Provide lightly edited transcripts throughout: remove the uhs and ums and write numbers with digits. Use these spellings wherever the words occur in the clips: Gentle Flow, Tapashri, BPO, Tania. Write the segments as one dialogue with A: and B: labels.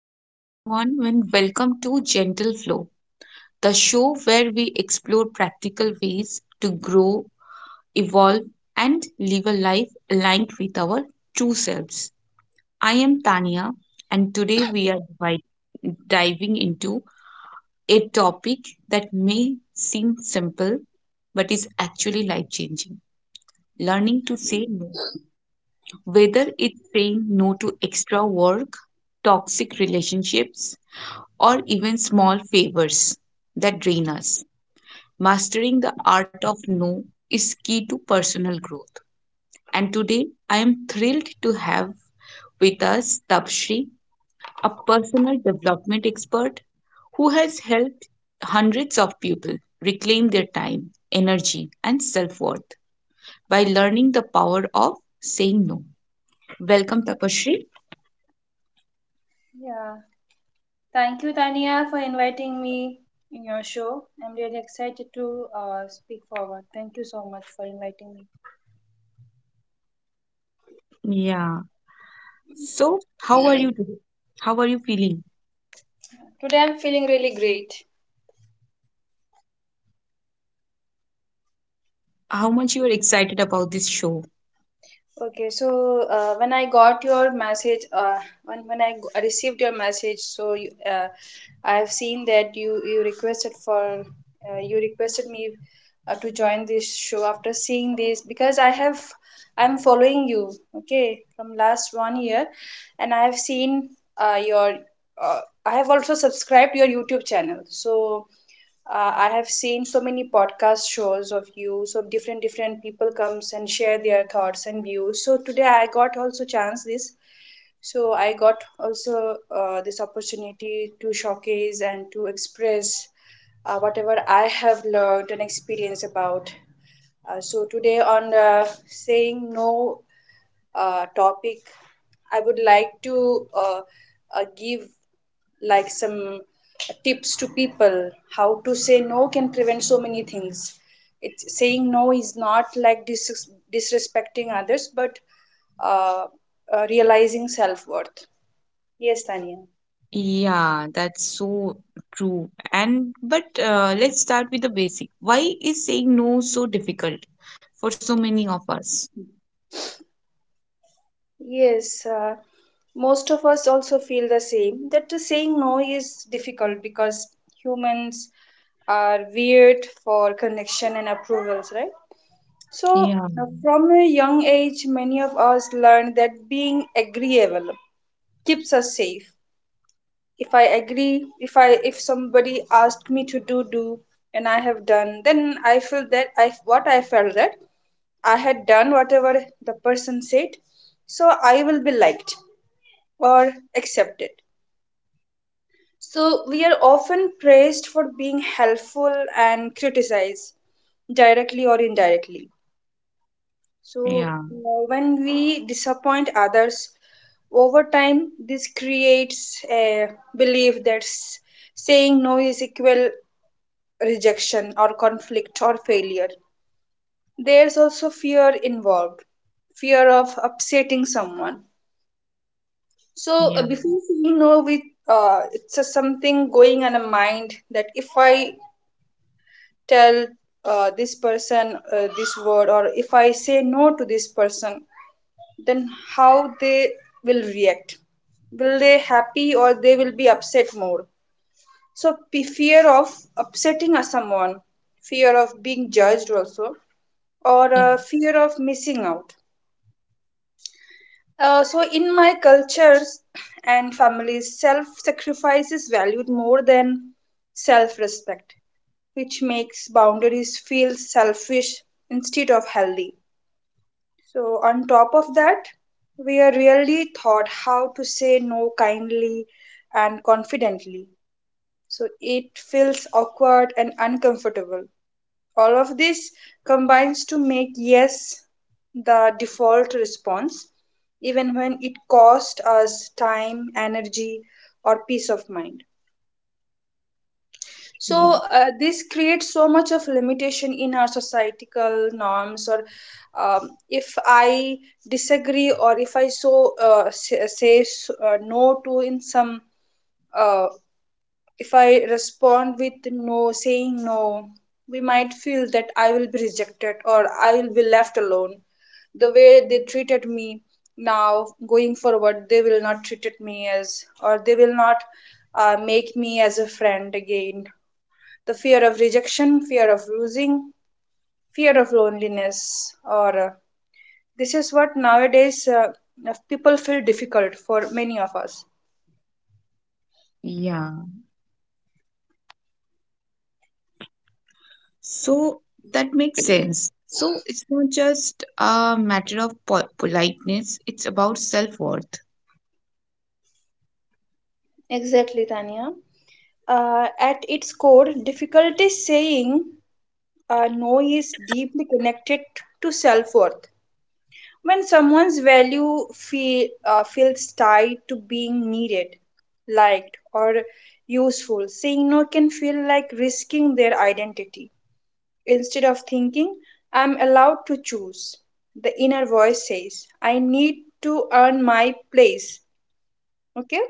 A: Hello, everyone, and welcome to Gentle Flow, the show where we explore practical ways to grow, evolve, and live a life aligned with our true selves. I am Tania, and today we are diving into a topic that may seem simple but is actually life changing: learning to say no. Whether it's saying no to extra work, toxic relationships, or even small favors that drain us, mastering the art of no is key to personal growth. And today, I am thrilled to have with us Tapshri, a personal development expert who has helped hundreds of people reclaim their time, energy, and self worth by learning the power of saying no. Welcome, Tapashri.
B: Yeah. Thank you, Tania, for inviting me in your show. I'm really excited to speak forward. Thank you so much for inviting me.
A: Yeah. So, how are you today? How are you feeling?
B: Today I'm feeling really great.
A: How much you are excited about this show?
B: Okay, so when I got your message, when received your message, so you, I have seen that you requested for you requested me to join this show after seeing this because I'm following you, okay, from last 1 year, and I have seen your uh, I have also subscribed your YouTube channel. So I have seen so many podcast shows of you. So different different people comes and share their thoughts and views. So today I got also chance this. So I got also this opportunity to showcase and to express whatever I have learned and experienced about. So today on saying no topic, I would like to give like some tips to people how to say no can prevent so many things. It's saying no is not like disrespecting others, but uh, realizing self-worth. Yes, Tanya.
A: Yeah, that's so true. And but let's start with the basic. Why is saying no so difficult for so many of us?
B: Yes, most of us also feel the same that the saying no is difficult because humans are weird for connection and approvals, right? So
A: Yeah,
B: from a young age many of us learned that being agreeable keeps us safe. If I agree, if somebody asked me to do and I have done, then I feel that I what I felt that I had done whatever the person said, so I will be liked or accepted. So we are often praised for being helpful and criticized directly or indirectly. So,
A: yeah,
B: when we disappoint others, over time, this creates a belief that saying no is equal rejection or conflict or failure. There's also fear involved, fear of upsetting someone. So,
A: yeah,
B: before saying no, we it's a something going on a mind that if I tell this person this word, or if I say no to this person, then how they will react, will they happy or they will be upset more. So fear of upsetting a someone, fear of being judged also, or
A: yeah,
B: fear of missing out. So in my cultures and families self sacrifice is valued more than self respect, which makes boundaries feel selfish instead of healthy. So, on top of that, we are really taught how to say no kindly and confidently. So, it feels awkward and uncomfortable. All of this combines to make yes the default response, even when it costs us time, energy, or peace of mind.
A: yeah.
B: So this creates so much of limitation in our societal norms. Or if I disagree, or if I so say no to in some, uh, if I respond with no, saying no, we might feel that I will be rejected or I will be left alone. The way they treated me now going forward, they will not treat me as, or they will not make me as a friend again. The fear of rejection, fear of losing, fear of loneliness, or this is what nowadays people feel difficult for many of us.
A: Yeah. So that makes sense. So it's not just a matter of po politeness, it's about self-worth.
B: Exactly, Tanya. At its core, difficulty saying no is deeply connected to self worth. When someone's value feels tied to being needed, liked, or useful, saying no can feel like risking their identity. Instead of thinking, I'm allowed to choose. The inner voice says, I need to earn my place. Okay?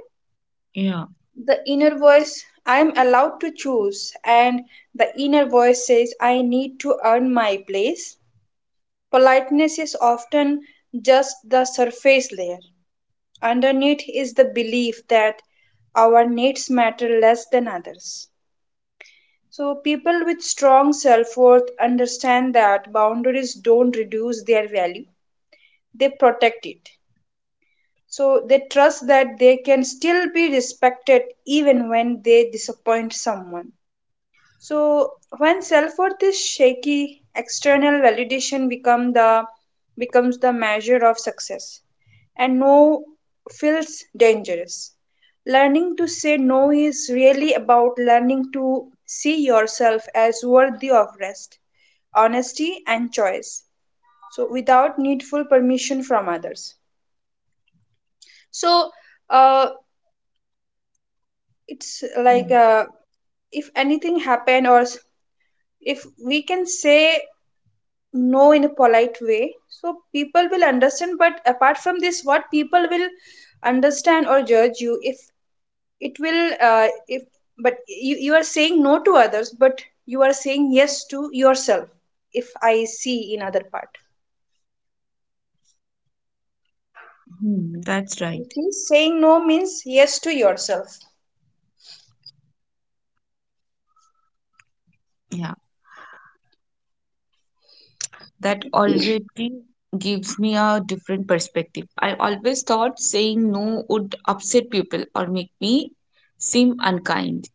A: Yeah,
B: The inner voice, I'm allowed to choose. And the inner voice says, I need to earn my place. Politeness is often just the surface layer. Underneath is the belief that our needs matter less than others. So, people with strong self worth understand that boundaries don't reduce their value, they protect it. So they trust that they can still be respected even when they disappoint someone. So when self-worth is shaky, external validation becomes the measure of success, and no feels dangerous. Learning to say no is really about learning to see yourself as worthy of rest, honesty, and choice, so without needful permission from others. So uh, it's
A: yeah.
B: like if anything happen or if we can say no in a polite way, so people will understand. But apart from this, what people will understand or judge you, if it will if but you are saying no to others, but you are saying yes to yourself. If I see in other part,
A: Hmm, that's right.
B: okay, saying no means yes to yourself.
A: Yeah, that already gives me a different perspective. I always thought saying no would upset people or make me seem unkind.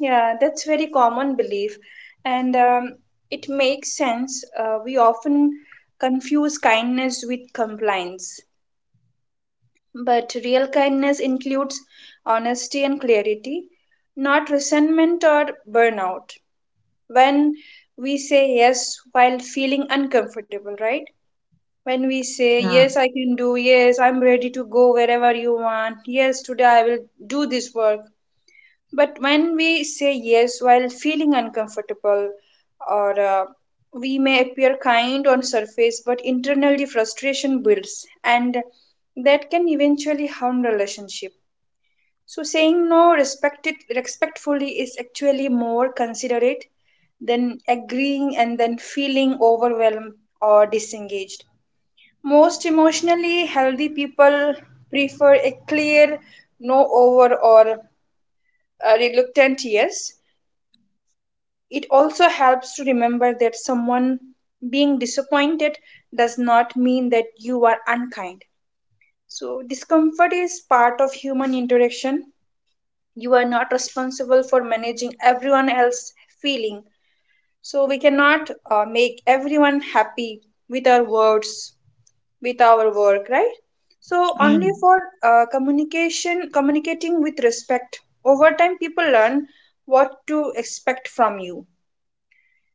B: Yeah, that's very common belief, and it makes sense. We often confuse kindness with compliance, but real kindness includes honesty and clarity, not resentment or burnout. When we say yes while feeling uncomfortable, right? When we say,
A: Yeah.
B: yes, I can do, yes, I'm ready to go wherever you want, yes, today I will do this work. But when we say yes while feeling uncomfortable, or we may appear kind on surface, but internally frustration builds, and that can eventually harm relationship. So saying no respected respectfully is actually more considerate than agreeing and then feeling overwhelmed or disengaged. Most emotionally healthy people prefer a clear no over, or a reluctant yes. It also helps to remember that someone being disappointed does not mean that you are unkind. So, discomfort is part of human interaction. You are not responsible for managing everyone else's feeling. So, we cannot make everyone happy with our words, with our work, right? So
A: Yeah,
B: only for communication, communicating with respect. Over time, people learn what to expect from you,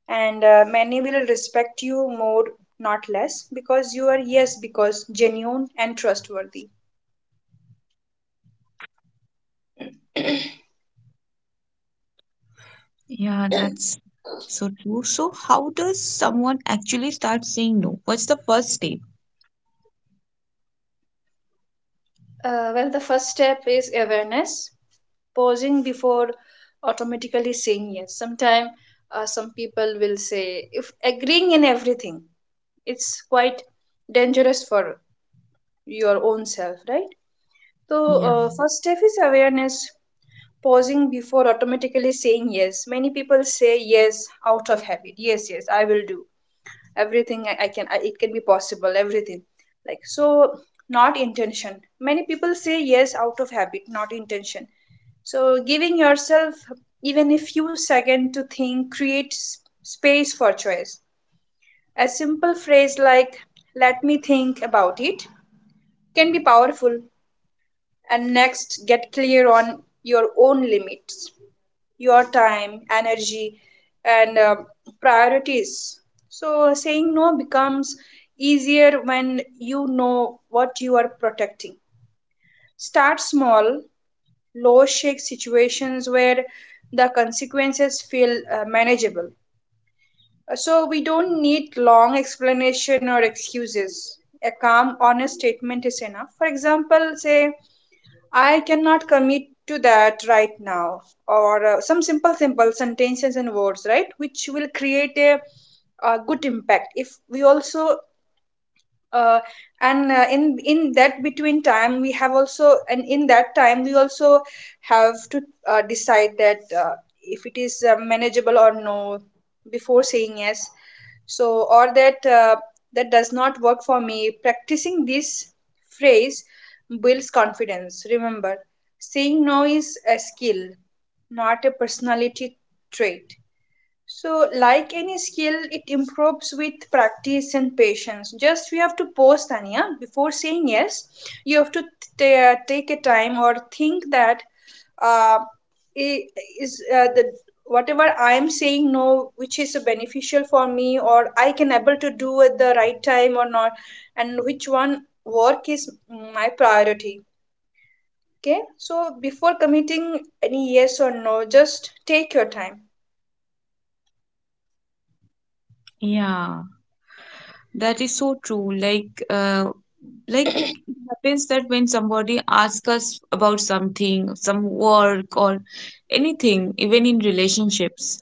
B: and many will respect you more, not less, because you are yes, because genuine and trustworthy.
A: yeah, that's so true. So, how does someone actually start saying no? What's the first step?
B: Well, the first step is awareness, pausing before automatically saying yes. Sometimes some people will say if agreeing in everything, it's quite dangerous for your own self, right? So
A: Yeah.
B: first step is awareness, pausing before automatically saying yes. Many people say yes out of habit. Yes, yes, I will do everything, I can, it can be possible everything, like, so, not intention. Many people say yes out of habit, not intention. So giving yourself even a few seconds to think creates space for choice. A simple phrase like "let me think about it" can be powerful. And next, get clear on your own limits, your time, energy, and priorities. So, saying no becomes easier when you know what you are protecting. Start small, low shake situations where the consequences feel manageable. So, we don't need long explanation or excuses. A calm, honest statement is enough. For example, say, "I cannot commit to that right now," or some simple, simple sentences and words, right, which will create a good impact. If we also uh, and in that between time we have also, and in that time we also have to decide that if it is manageable or no, before saying yes. So or that that does not work for me. Practicing this phrase builds confidence. Remember, saying no is a skill, not a personality trait. So, like any skill, it improves with practice and patience. Just we have to pause, Tanya. Before saying yes, you have to take a time or think that uh, i- is the whatever I am saying no, which is beneficial for me, or I can able to do at the right time or not, and which one work is my priority. Okay, so before committing any yes or no, just take your time.
A: Yeah, that is so true. Like it happens that when somebody asks us about something, some work or anything, even in relationships,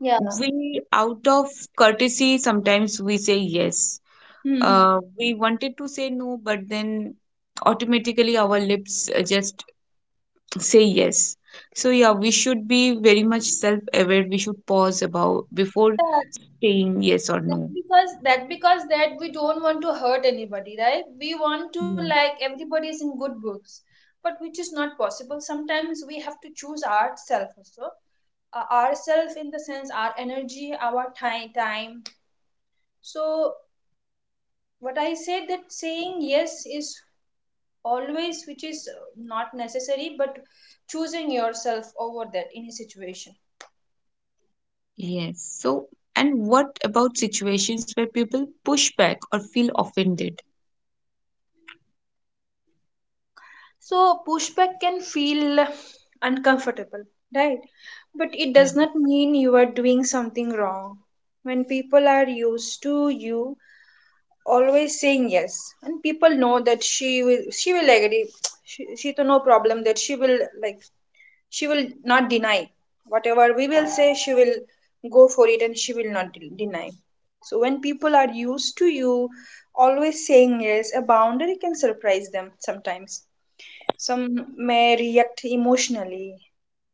B: Yeah.
A: we out of courtesy sometimes we say yes.
B: Hmm.
A: We wanted to say no but then automatically our lips just say yes. So yeah, we should be very much self aware, we should pause about before
B: Yeah.
A: saying yes or
B: That's
A: no.
B: because that we don't want to hurt anybody, right? We want to,
A: Yes.
B: like, everybody is in good books, but which is not possible. Sometimes we have to choose ourselves also, ourselves in the sense our energy, our time. So what I said that saying yes is always which is not necessary, but choosing yourself over that in a situation.
A: Yes, so and what about situations where people push back or feel offended?
B: So, pushback can feel uncomfortable, right? But it
A: Yeah.
B: does not mean you are doing something wrong. When people are used to you always saying yes, and people know that she will agree. She to no problem that she will, like, she will not deny whatever we will say. She will go for it, and she will not deny. So when people are used to you always saying yes, a boundary can surprise them. Sometimes some may react emotionally,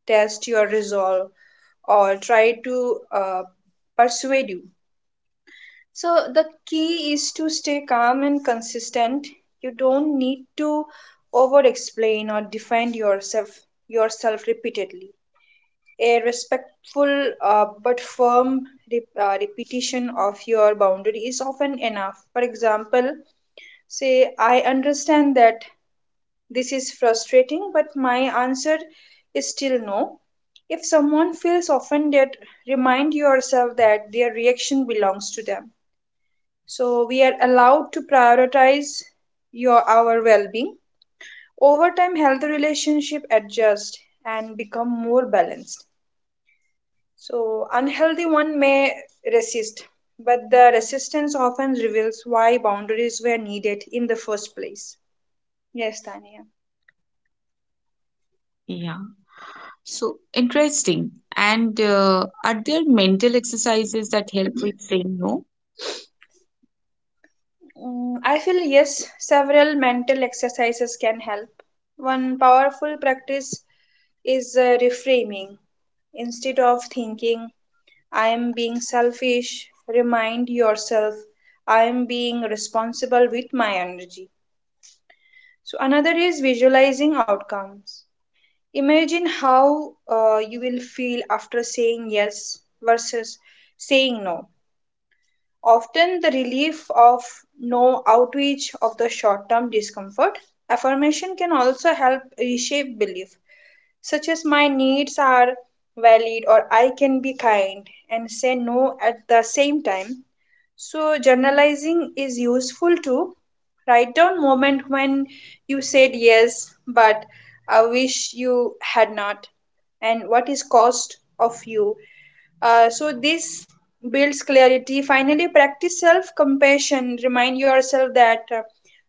B: test your resolve, or try to persuade you. So, the key is to stay calm and consistent. You don't need to over explain or defend yourself repeatedly. A respectful but firm repetition of your boundary is often enough. For example, say, I understand that this is frustrating, but my answer is still no. If someone feels offended, remind yourself that their reaction belongs to them. So we are allowed to prioritize your our well-being. Over time, healthy relationship adjust and become more balanced. So unhealthy one may resist, but the resistance often reveals why boundaries were needed in the first place. Yes, Tanya.
A: Yeah, so interesting. And are there mental exercises that help with saying no?
B: Mm, I feel yes, several mental exercises can help. One powerful practice is reframing. Instead of thinking, I am being selfish, remind yourself, I am being responsible with my energy. So, another is visualizing outcomes. Imagine how you will feel after saying yes versus saying no. Often, the relief of no outreach of the short term discomfort. Affirmation can also help reshape belief such as my needs are valid or I can be kind and say no at the same time. So, journalizing is useful too. Write down moment when you said yes, but I wish you had not, and what is cost of you. So this builds clarity. Finally, practice self-compassion. Remind yourself that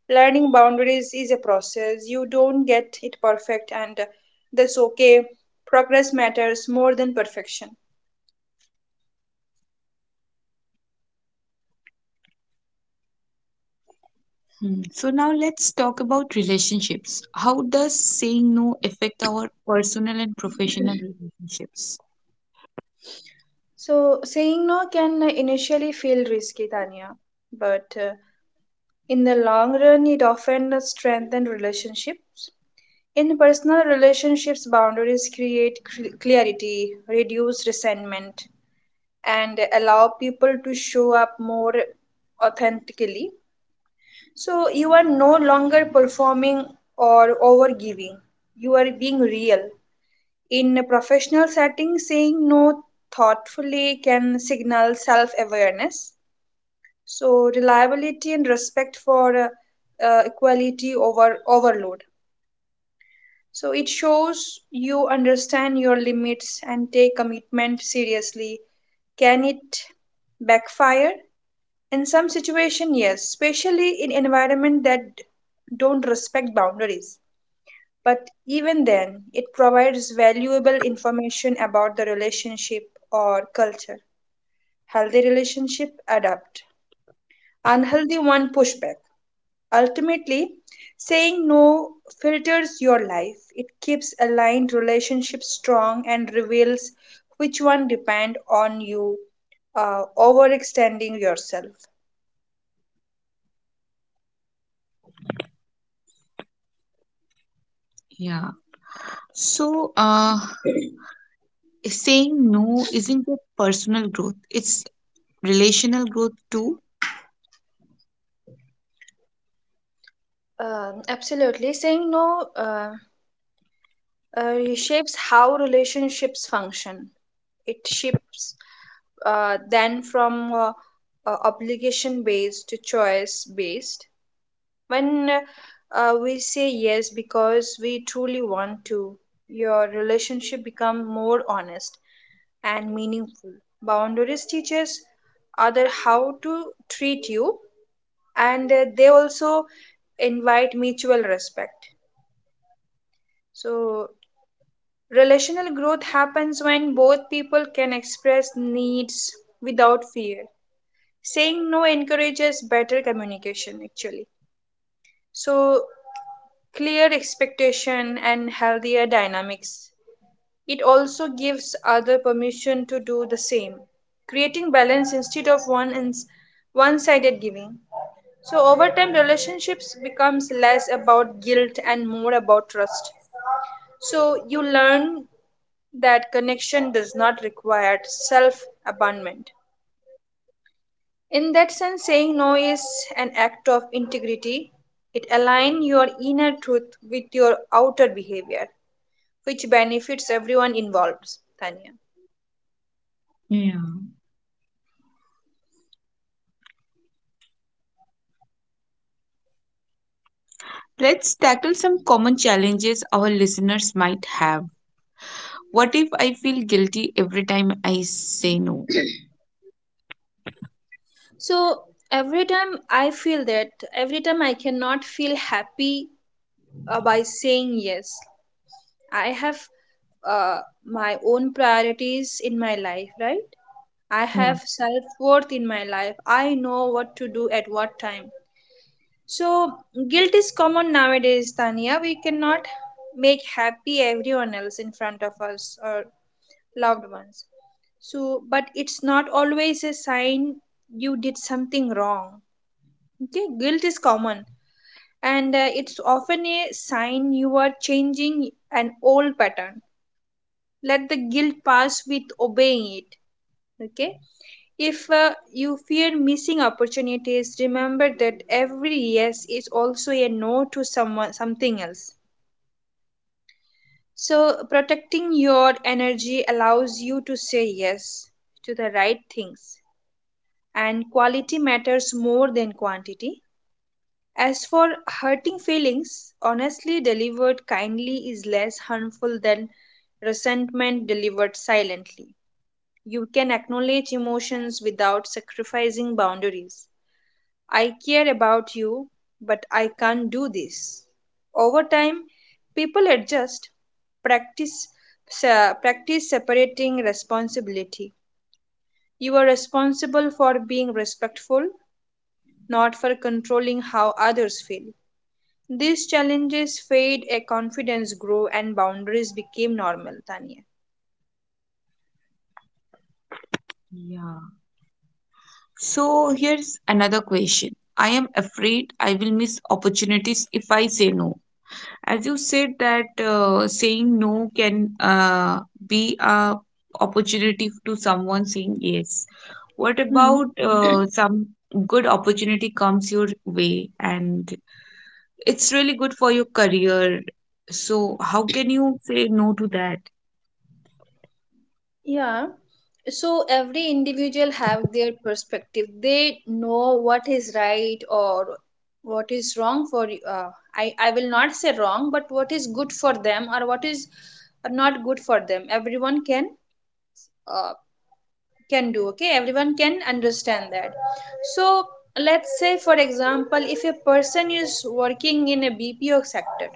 B: learning boundaries is a process. You don't get it perfect, and that's okay. Progress matters more than perfection.
A: Hmm. So now let's talk about relationships. How does saying no affect our personal and professional relationships?
B: So, saying no can initially feel risky, Tanya, but in the long run, it often strengthens relationships. In personal relationships, boundaries create clarity, reduce resentment, and allow people to show up more authentically. So, you are no longer performing or overgiving, you are being real. In a professional setting, saying no thoughtfully can signal self awareness. So, reliability and respect for equality over overload. So, it shows you understand your limits and take commitment seriously. Can it backfire? In some situation, yes, especially in environment that don't respect boundaries. But even then, it provides valuable information about the relationship or culture. Healthy relationship adapt, unhealthy one push back. Ultimately, saying no filters your life. It keeps aligned relationships strong and reveals which one depend on you overextending yourself.
A: Yeah. So saying no isn't just personal growth; it's relational growth too.
B: Absolutely. Saying no. Reshapes how relationships function. It shifts then from obligation based to choice based. When we say yes because we truly want to, your relationship become more honest and meaningful. Boundaries teaches other how to treat you, and they also invite mutual respect. So relational growth happens when both people can express needs without fear. Saying no encourages better communication, actually. So, clear expectation and healthier dynamics. It also gives other permission to do the same, creating balance instead of one and one-sided giving. So, over time, relationships becomes less about guilt and more about trust. So, you learn that connection does not require self abandonment. In that sense, saying no is an act of integrity. It aligns your inner truth with your outer behavior, which benefits everyone involved, Tanya.
A: Yeah. Let's tackle some common challenges our listeners might have. What if I feel guilty every time I say no?
B: So every time I feel that, every time I cannot feel happy by saying yes, I have my own priorities in my life, right? I
A: Yeah.
B: have self worth in my life. I know what to do at what time. So, guilt is common nowadays, Tania. We cannot make happy everyone else in front of us or loved ones. So, but it's not always a sign you did something wrong. Okay, guilt is common and it's often a sign you are changing an old pattern, let the guilt pass with obeying it, okay? If you fear missing opportunities, remember that every yes is also a no to someone something else. So protecting your energy allows you to say yes to the right things, and quality matters more than quantity. As for hurting feelings, honestly delivered kindly is less harmful than resentment delivered silently. You can acknowledge emotions without sacrificing boundaries. I care about you, but I can't do this. Over time, people adjust, practice practice separating responsibility. You are responsible for being respectful, not for controlling how others feel. These challenges fade, a confidence grow, and boundaries became normal, Tanya.
A: Yeah. So here's another question. I am afraid I will miss opportunities if I say no. As you said that saying no can be a opportunity to someone saying yes. What
B: Hmm.
A: about some good opportunity comes your way and it's really good for your career. So how can you say no to that?
B: Yeah. So every individual have their perspective. They know what is right or what is wrong for you. I will not say wrong, but what is good for them or what is not good for them. Everyone uh, can do. Okay, everyone can understand that. So let's say for example, if a person is working in a BPO sector,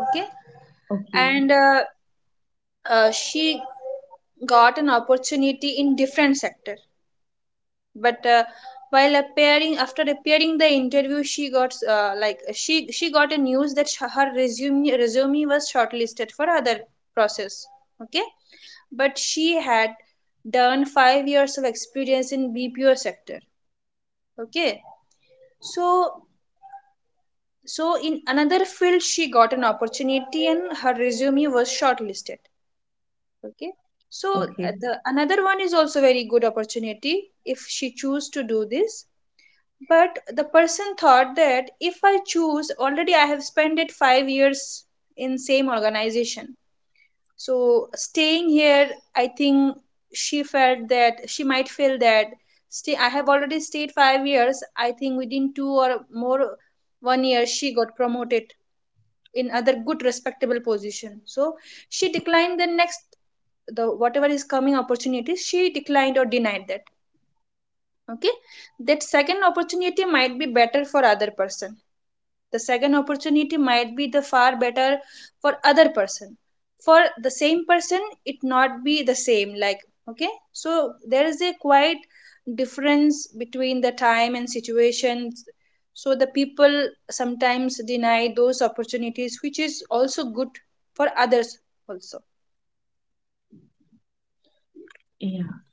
B: okay,
A: Okay,
B: and she got an opportunity in different sector, but while appearing after appearing the interview, she got like she got a news that her resume was shortlisted for other process, okay, but she had done 5 years of experience in bpo sector, okay. So in another field she got an opportunity and her resume was shortlisted, okay. So
A: okay.
B: the another one is also very good opportunity if she choose to do this. But the person thought that if I choose, already I have spent it 5 years in same organization. So staying here, I think she felt that she might feel that stay I have already stayed 5 years. I think within two or more one year she got promoted in other good respectable position. So she declined the next, the whatever is coming opportunities she declined or denied that, okay. That second opportunity might be better for other person. The second opportunity might be the far better for other person, for the same person. It not be the same, like, okay, so there is a quite difference between the time and situations. So the people sometimes deny those opportunities which is also good for others also.
A: Yeah.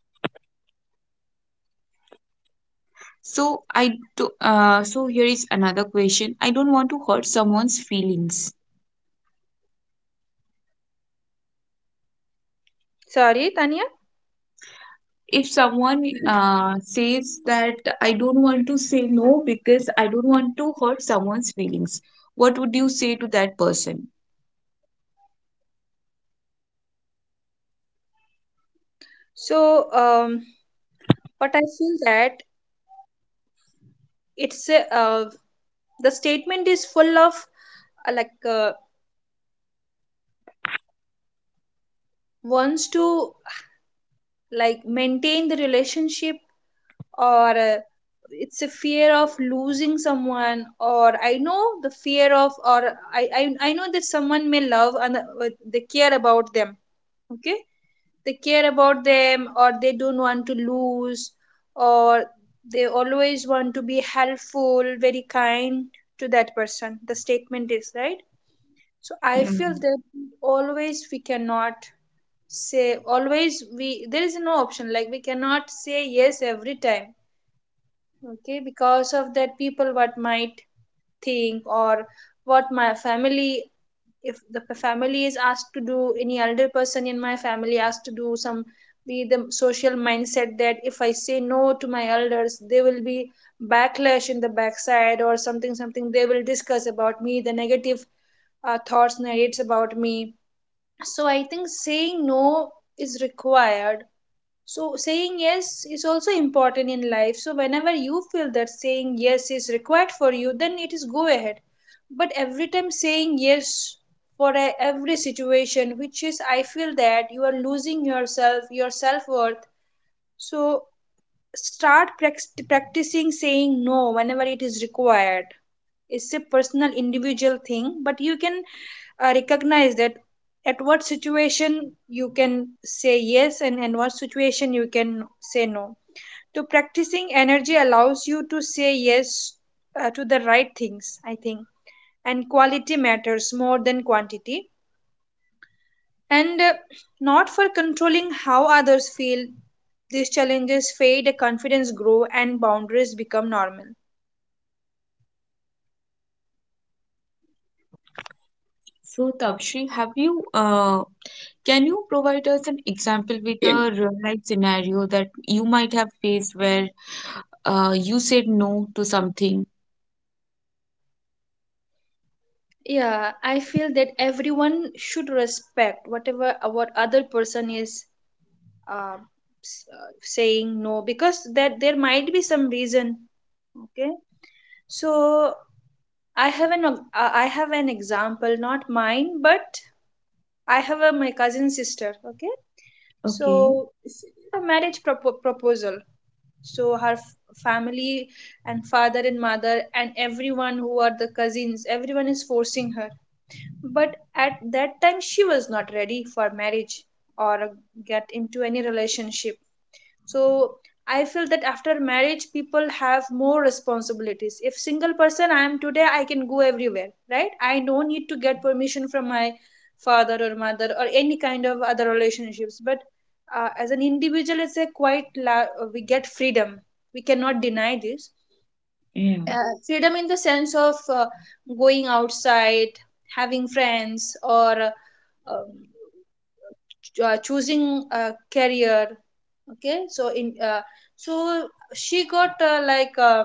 A: So I do, so here is another question. I don't want to hurt someone's feelings.
B: Sorry, Tanya.
A: If someone says that I don't want to say no because I don't want to hurt someone's feelings, what would you say to that person?
B: So um, what I feel that, it's a, the statement is full of like uh, wants to like maintain the relationship, or it's a fear of losing someone, or I know the fear of, or I know that someone may love and they care about them, okay. They care about them, or they don't want to lose, or they always want to be helpful, very kind to that person. The statement is right. So I
A: Yeah.
B: feel that always we cannot say, always we there is no option, like we cannot say yes every time, okay. Because of that, people what might think, or what my family, if the family is asked to do, any elder person in my family asked to do some, be the social mindset that if I say no to my elders, they will be backlash in the backside or something something they will discuss about me, the negative thoughts narrates about me. So I think saying no is required. So, saying yes is also important in life. So, whenever you feel that saying yes is required for you, then it is go ahead. But every time saying yes for a, every situation, which is I feel that you are losing yourself, your self worth. So, start practicing saying no whenever it is required. It's a personal, individual thing, but you can recognize that at what situation you can say yes, and in what situation you can say no. To practicing energy allows you to say yes to the right things, I think, and quality matters more than quantity, and not for controlling how others feel. These challenges fade, confidence grow, and boundaries become normal.
A: So, Tapshri, have you, can you provide us an example with a real life scenario that you might have faced where you said no to something?
B: Yeah, I feel that everyone should respect whatever what other person is uh, saying no, because that there might be some reason, okay. So I have an example, not mine, but I have a my cousin sister. Okay,
A: Okay.
B: so a marriage proposal. So her family, and father and mother and everyone who are the cousins, everyone is forcing her. But at that time, she was not ready for marriage or get into any relationship. So I feel that after marriage people have more responsibilities. If single person I am today, I can go everywhere, right? I don't need to get permission from my father or mother or any kind of other relationships. But as an individual, it's a quite we get freedom. We cannot deny this
A: Yeah.
B: freedom, in the sense of going outside, having friends, or um, choosing a career, okay. So in so she got like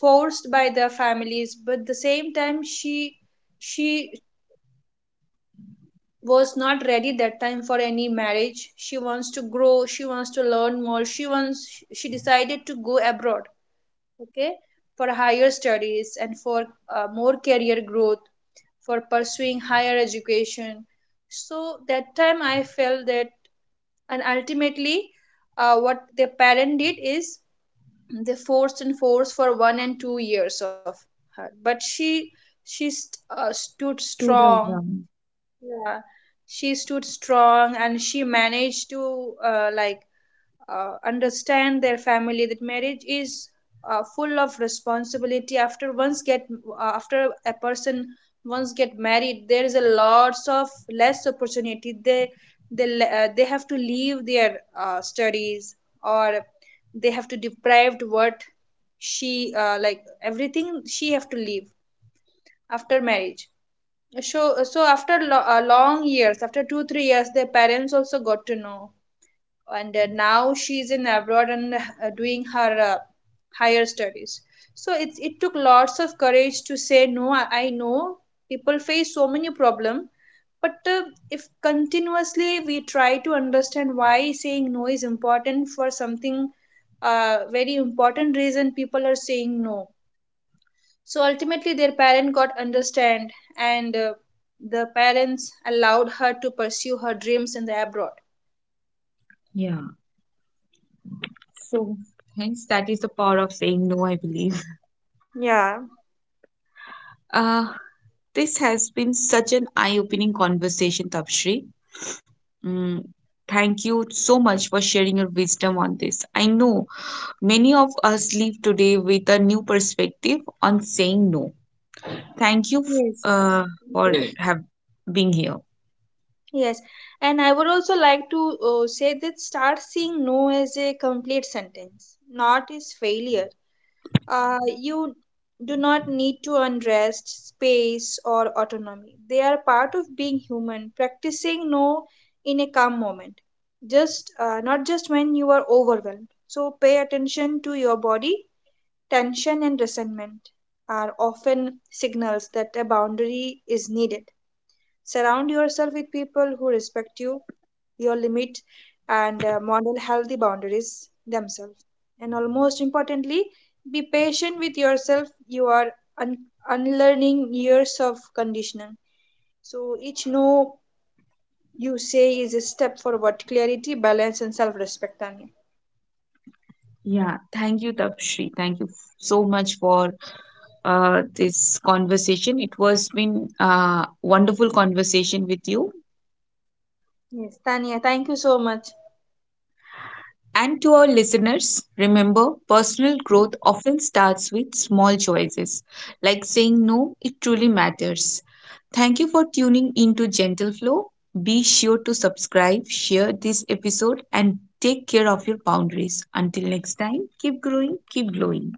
B: forced by the families, but the same time she was not ready that time for any marriage. She wants to grow, she wants to learn more, she wants, she decided to go abroad, okay, for higher studies and for more career growth, for pursuing higher education. So that time I felt that, and ultimately what the parent did is they forced and forced for 1 and 2 years of her, but she stood
A: To the
B: strong.
A: one.
B: Yeah, she stood strong and she managed to like understand their family that marriage is full of responsibility after once get, after a person once get married, there is a lots of less opportunity, they they have to leave their studies, or they have to deprived what she like, everything she have to leave after marriage. So after long years, after 2 3 years their parents also got to know, and now she's in abroad and doing her higher studies. So it took lots of courage to say no. I know people face so many problem, but if continuously we try to understand why saying no is important for something very important reason people are saying no. So ultimately their parent got understand, and the parents allowed her to pursue her dreams in the abroad.
A: Yeah. So, hence, that is the power of saying no, I believe.
B: Yeah.
A: Uh, this has been such an eye-opening conversation, Tapshri. Mm, thank you so much for sharing your wisdom on this. I know many of us leave today with a new perspective on saying no. Thank you
B: Yes.
A: for have being here.
B: Yes, and I would also like to say that start seeing no as a complete sentence, not as failure. You do not need to unrest, space, or autonomy. They are part of being human, practicing no in a calm moment, just not just when you are overwhelmed. So pay attention to your body. Tension and resentment are often signals that a boundary is needed. Surround yourself with people who respect you, your limit, and model healthy boundaries themselves. And almost importantly, be patient with yourself. You are un- unlearning years of conditioning. So each no you say is a step forward, clarity, balance, and self respect, Tanya.
A: Yeah, thank you, Tapshri. Thank you so much for this conversation. It was been a wonderful conversation with you.
B: Yes, Tanya, thank you so much.
A: And to our listeners, remember personal growth often starts with small choices, like saying no, it truly matters. Thank you for tuning into Gentle Flow. Be sure to subscribe, share this episode, and take care of your boundaries. Until next time, keep growing, keep glowing.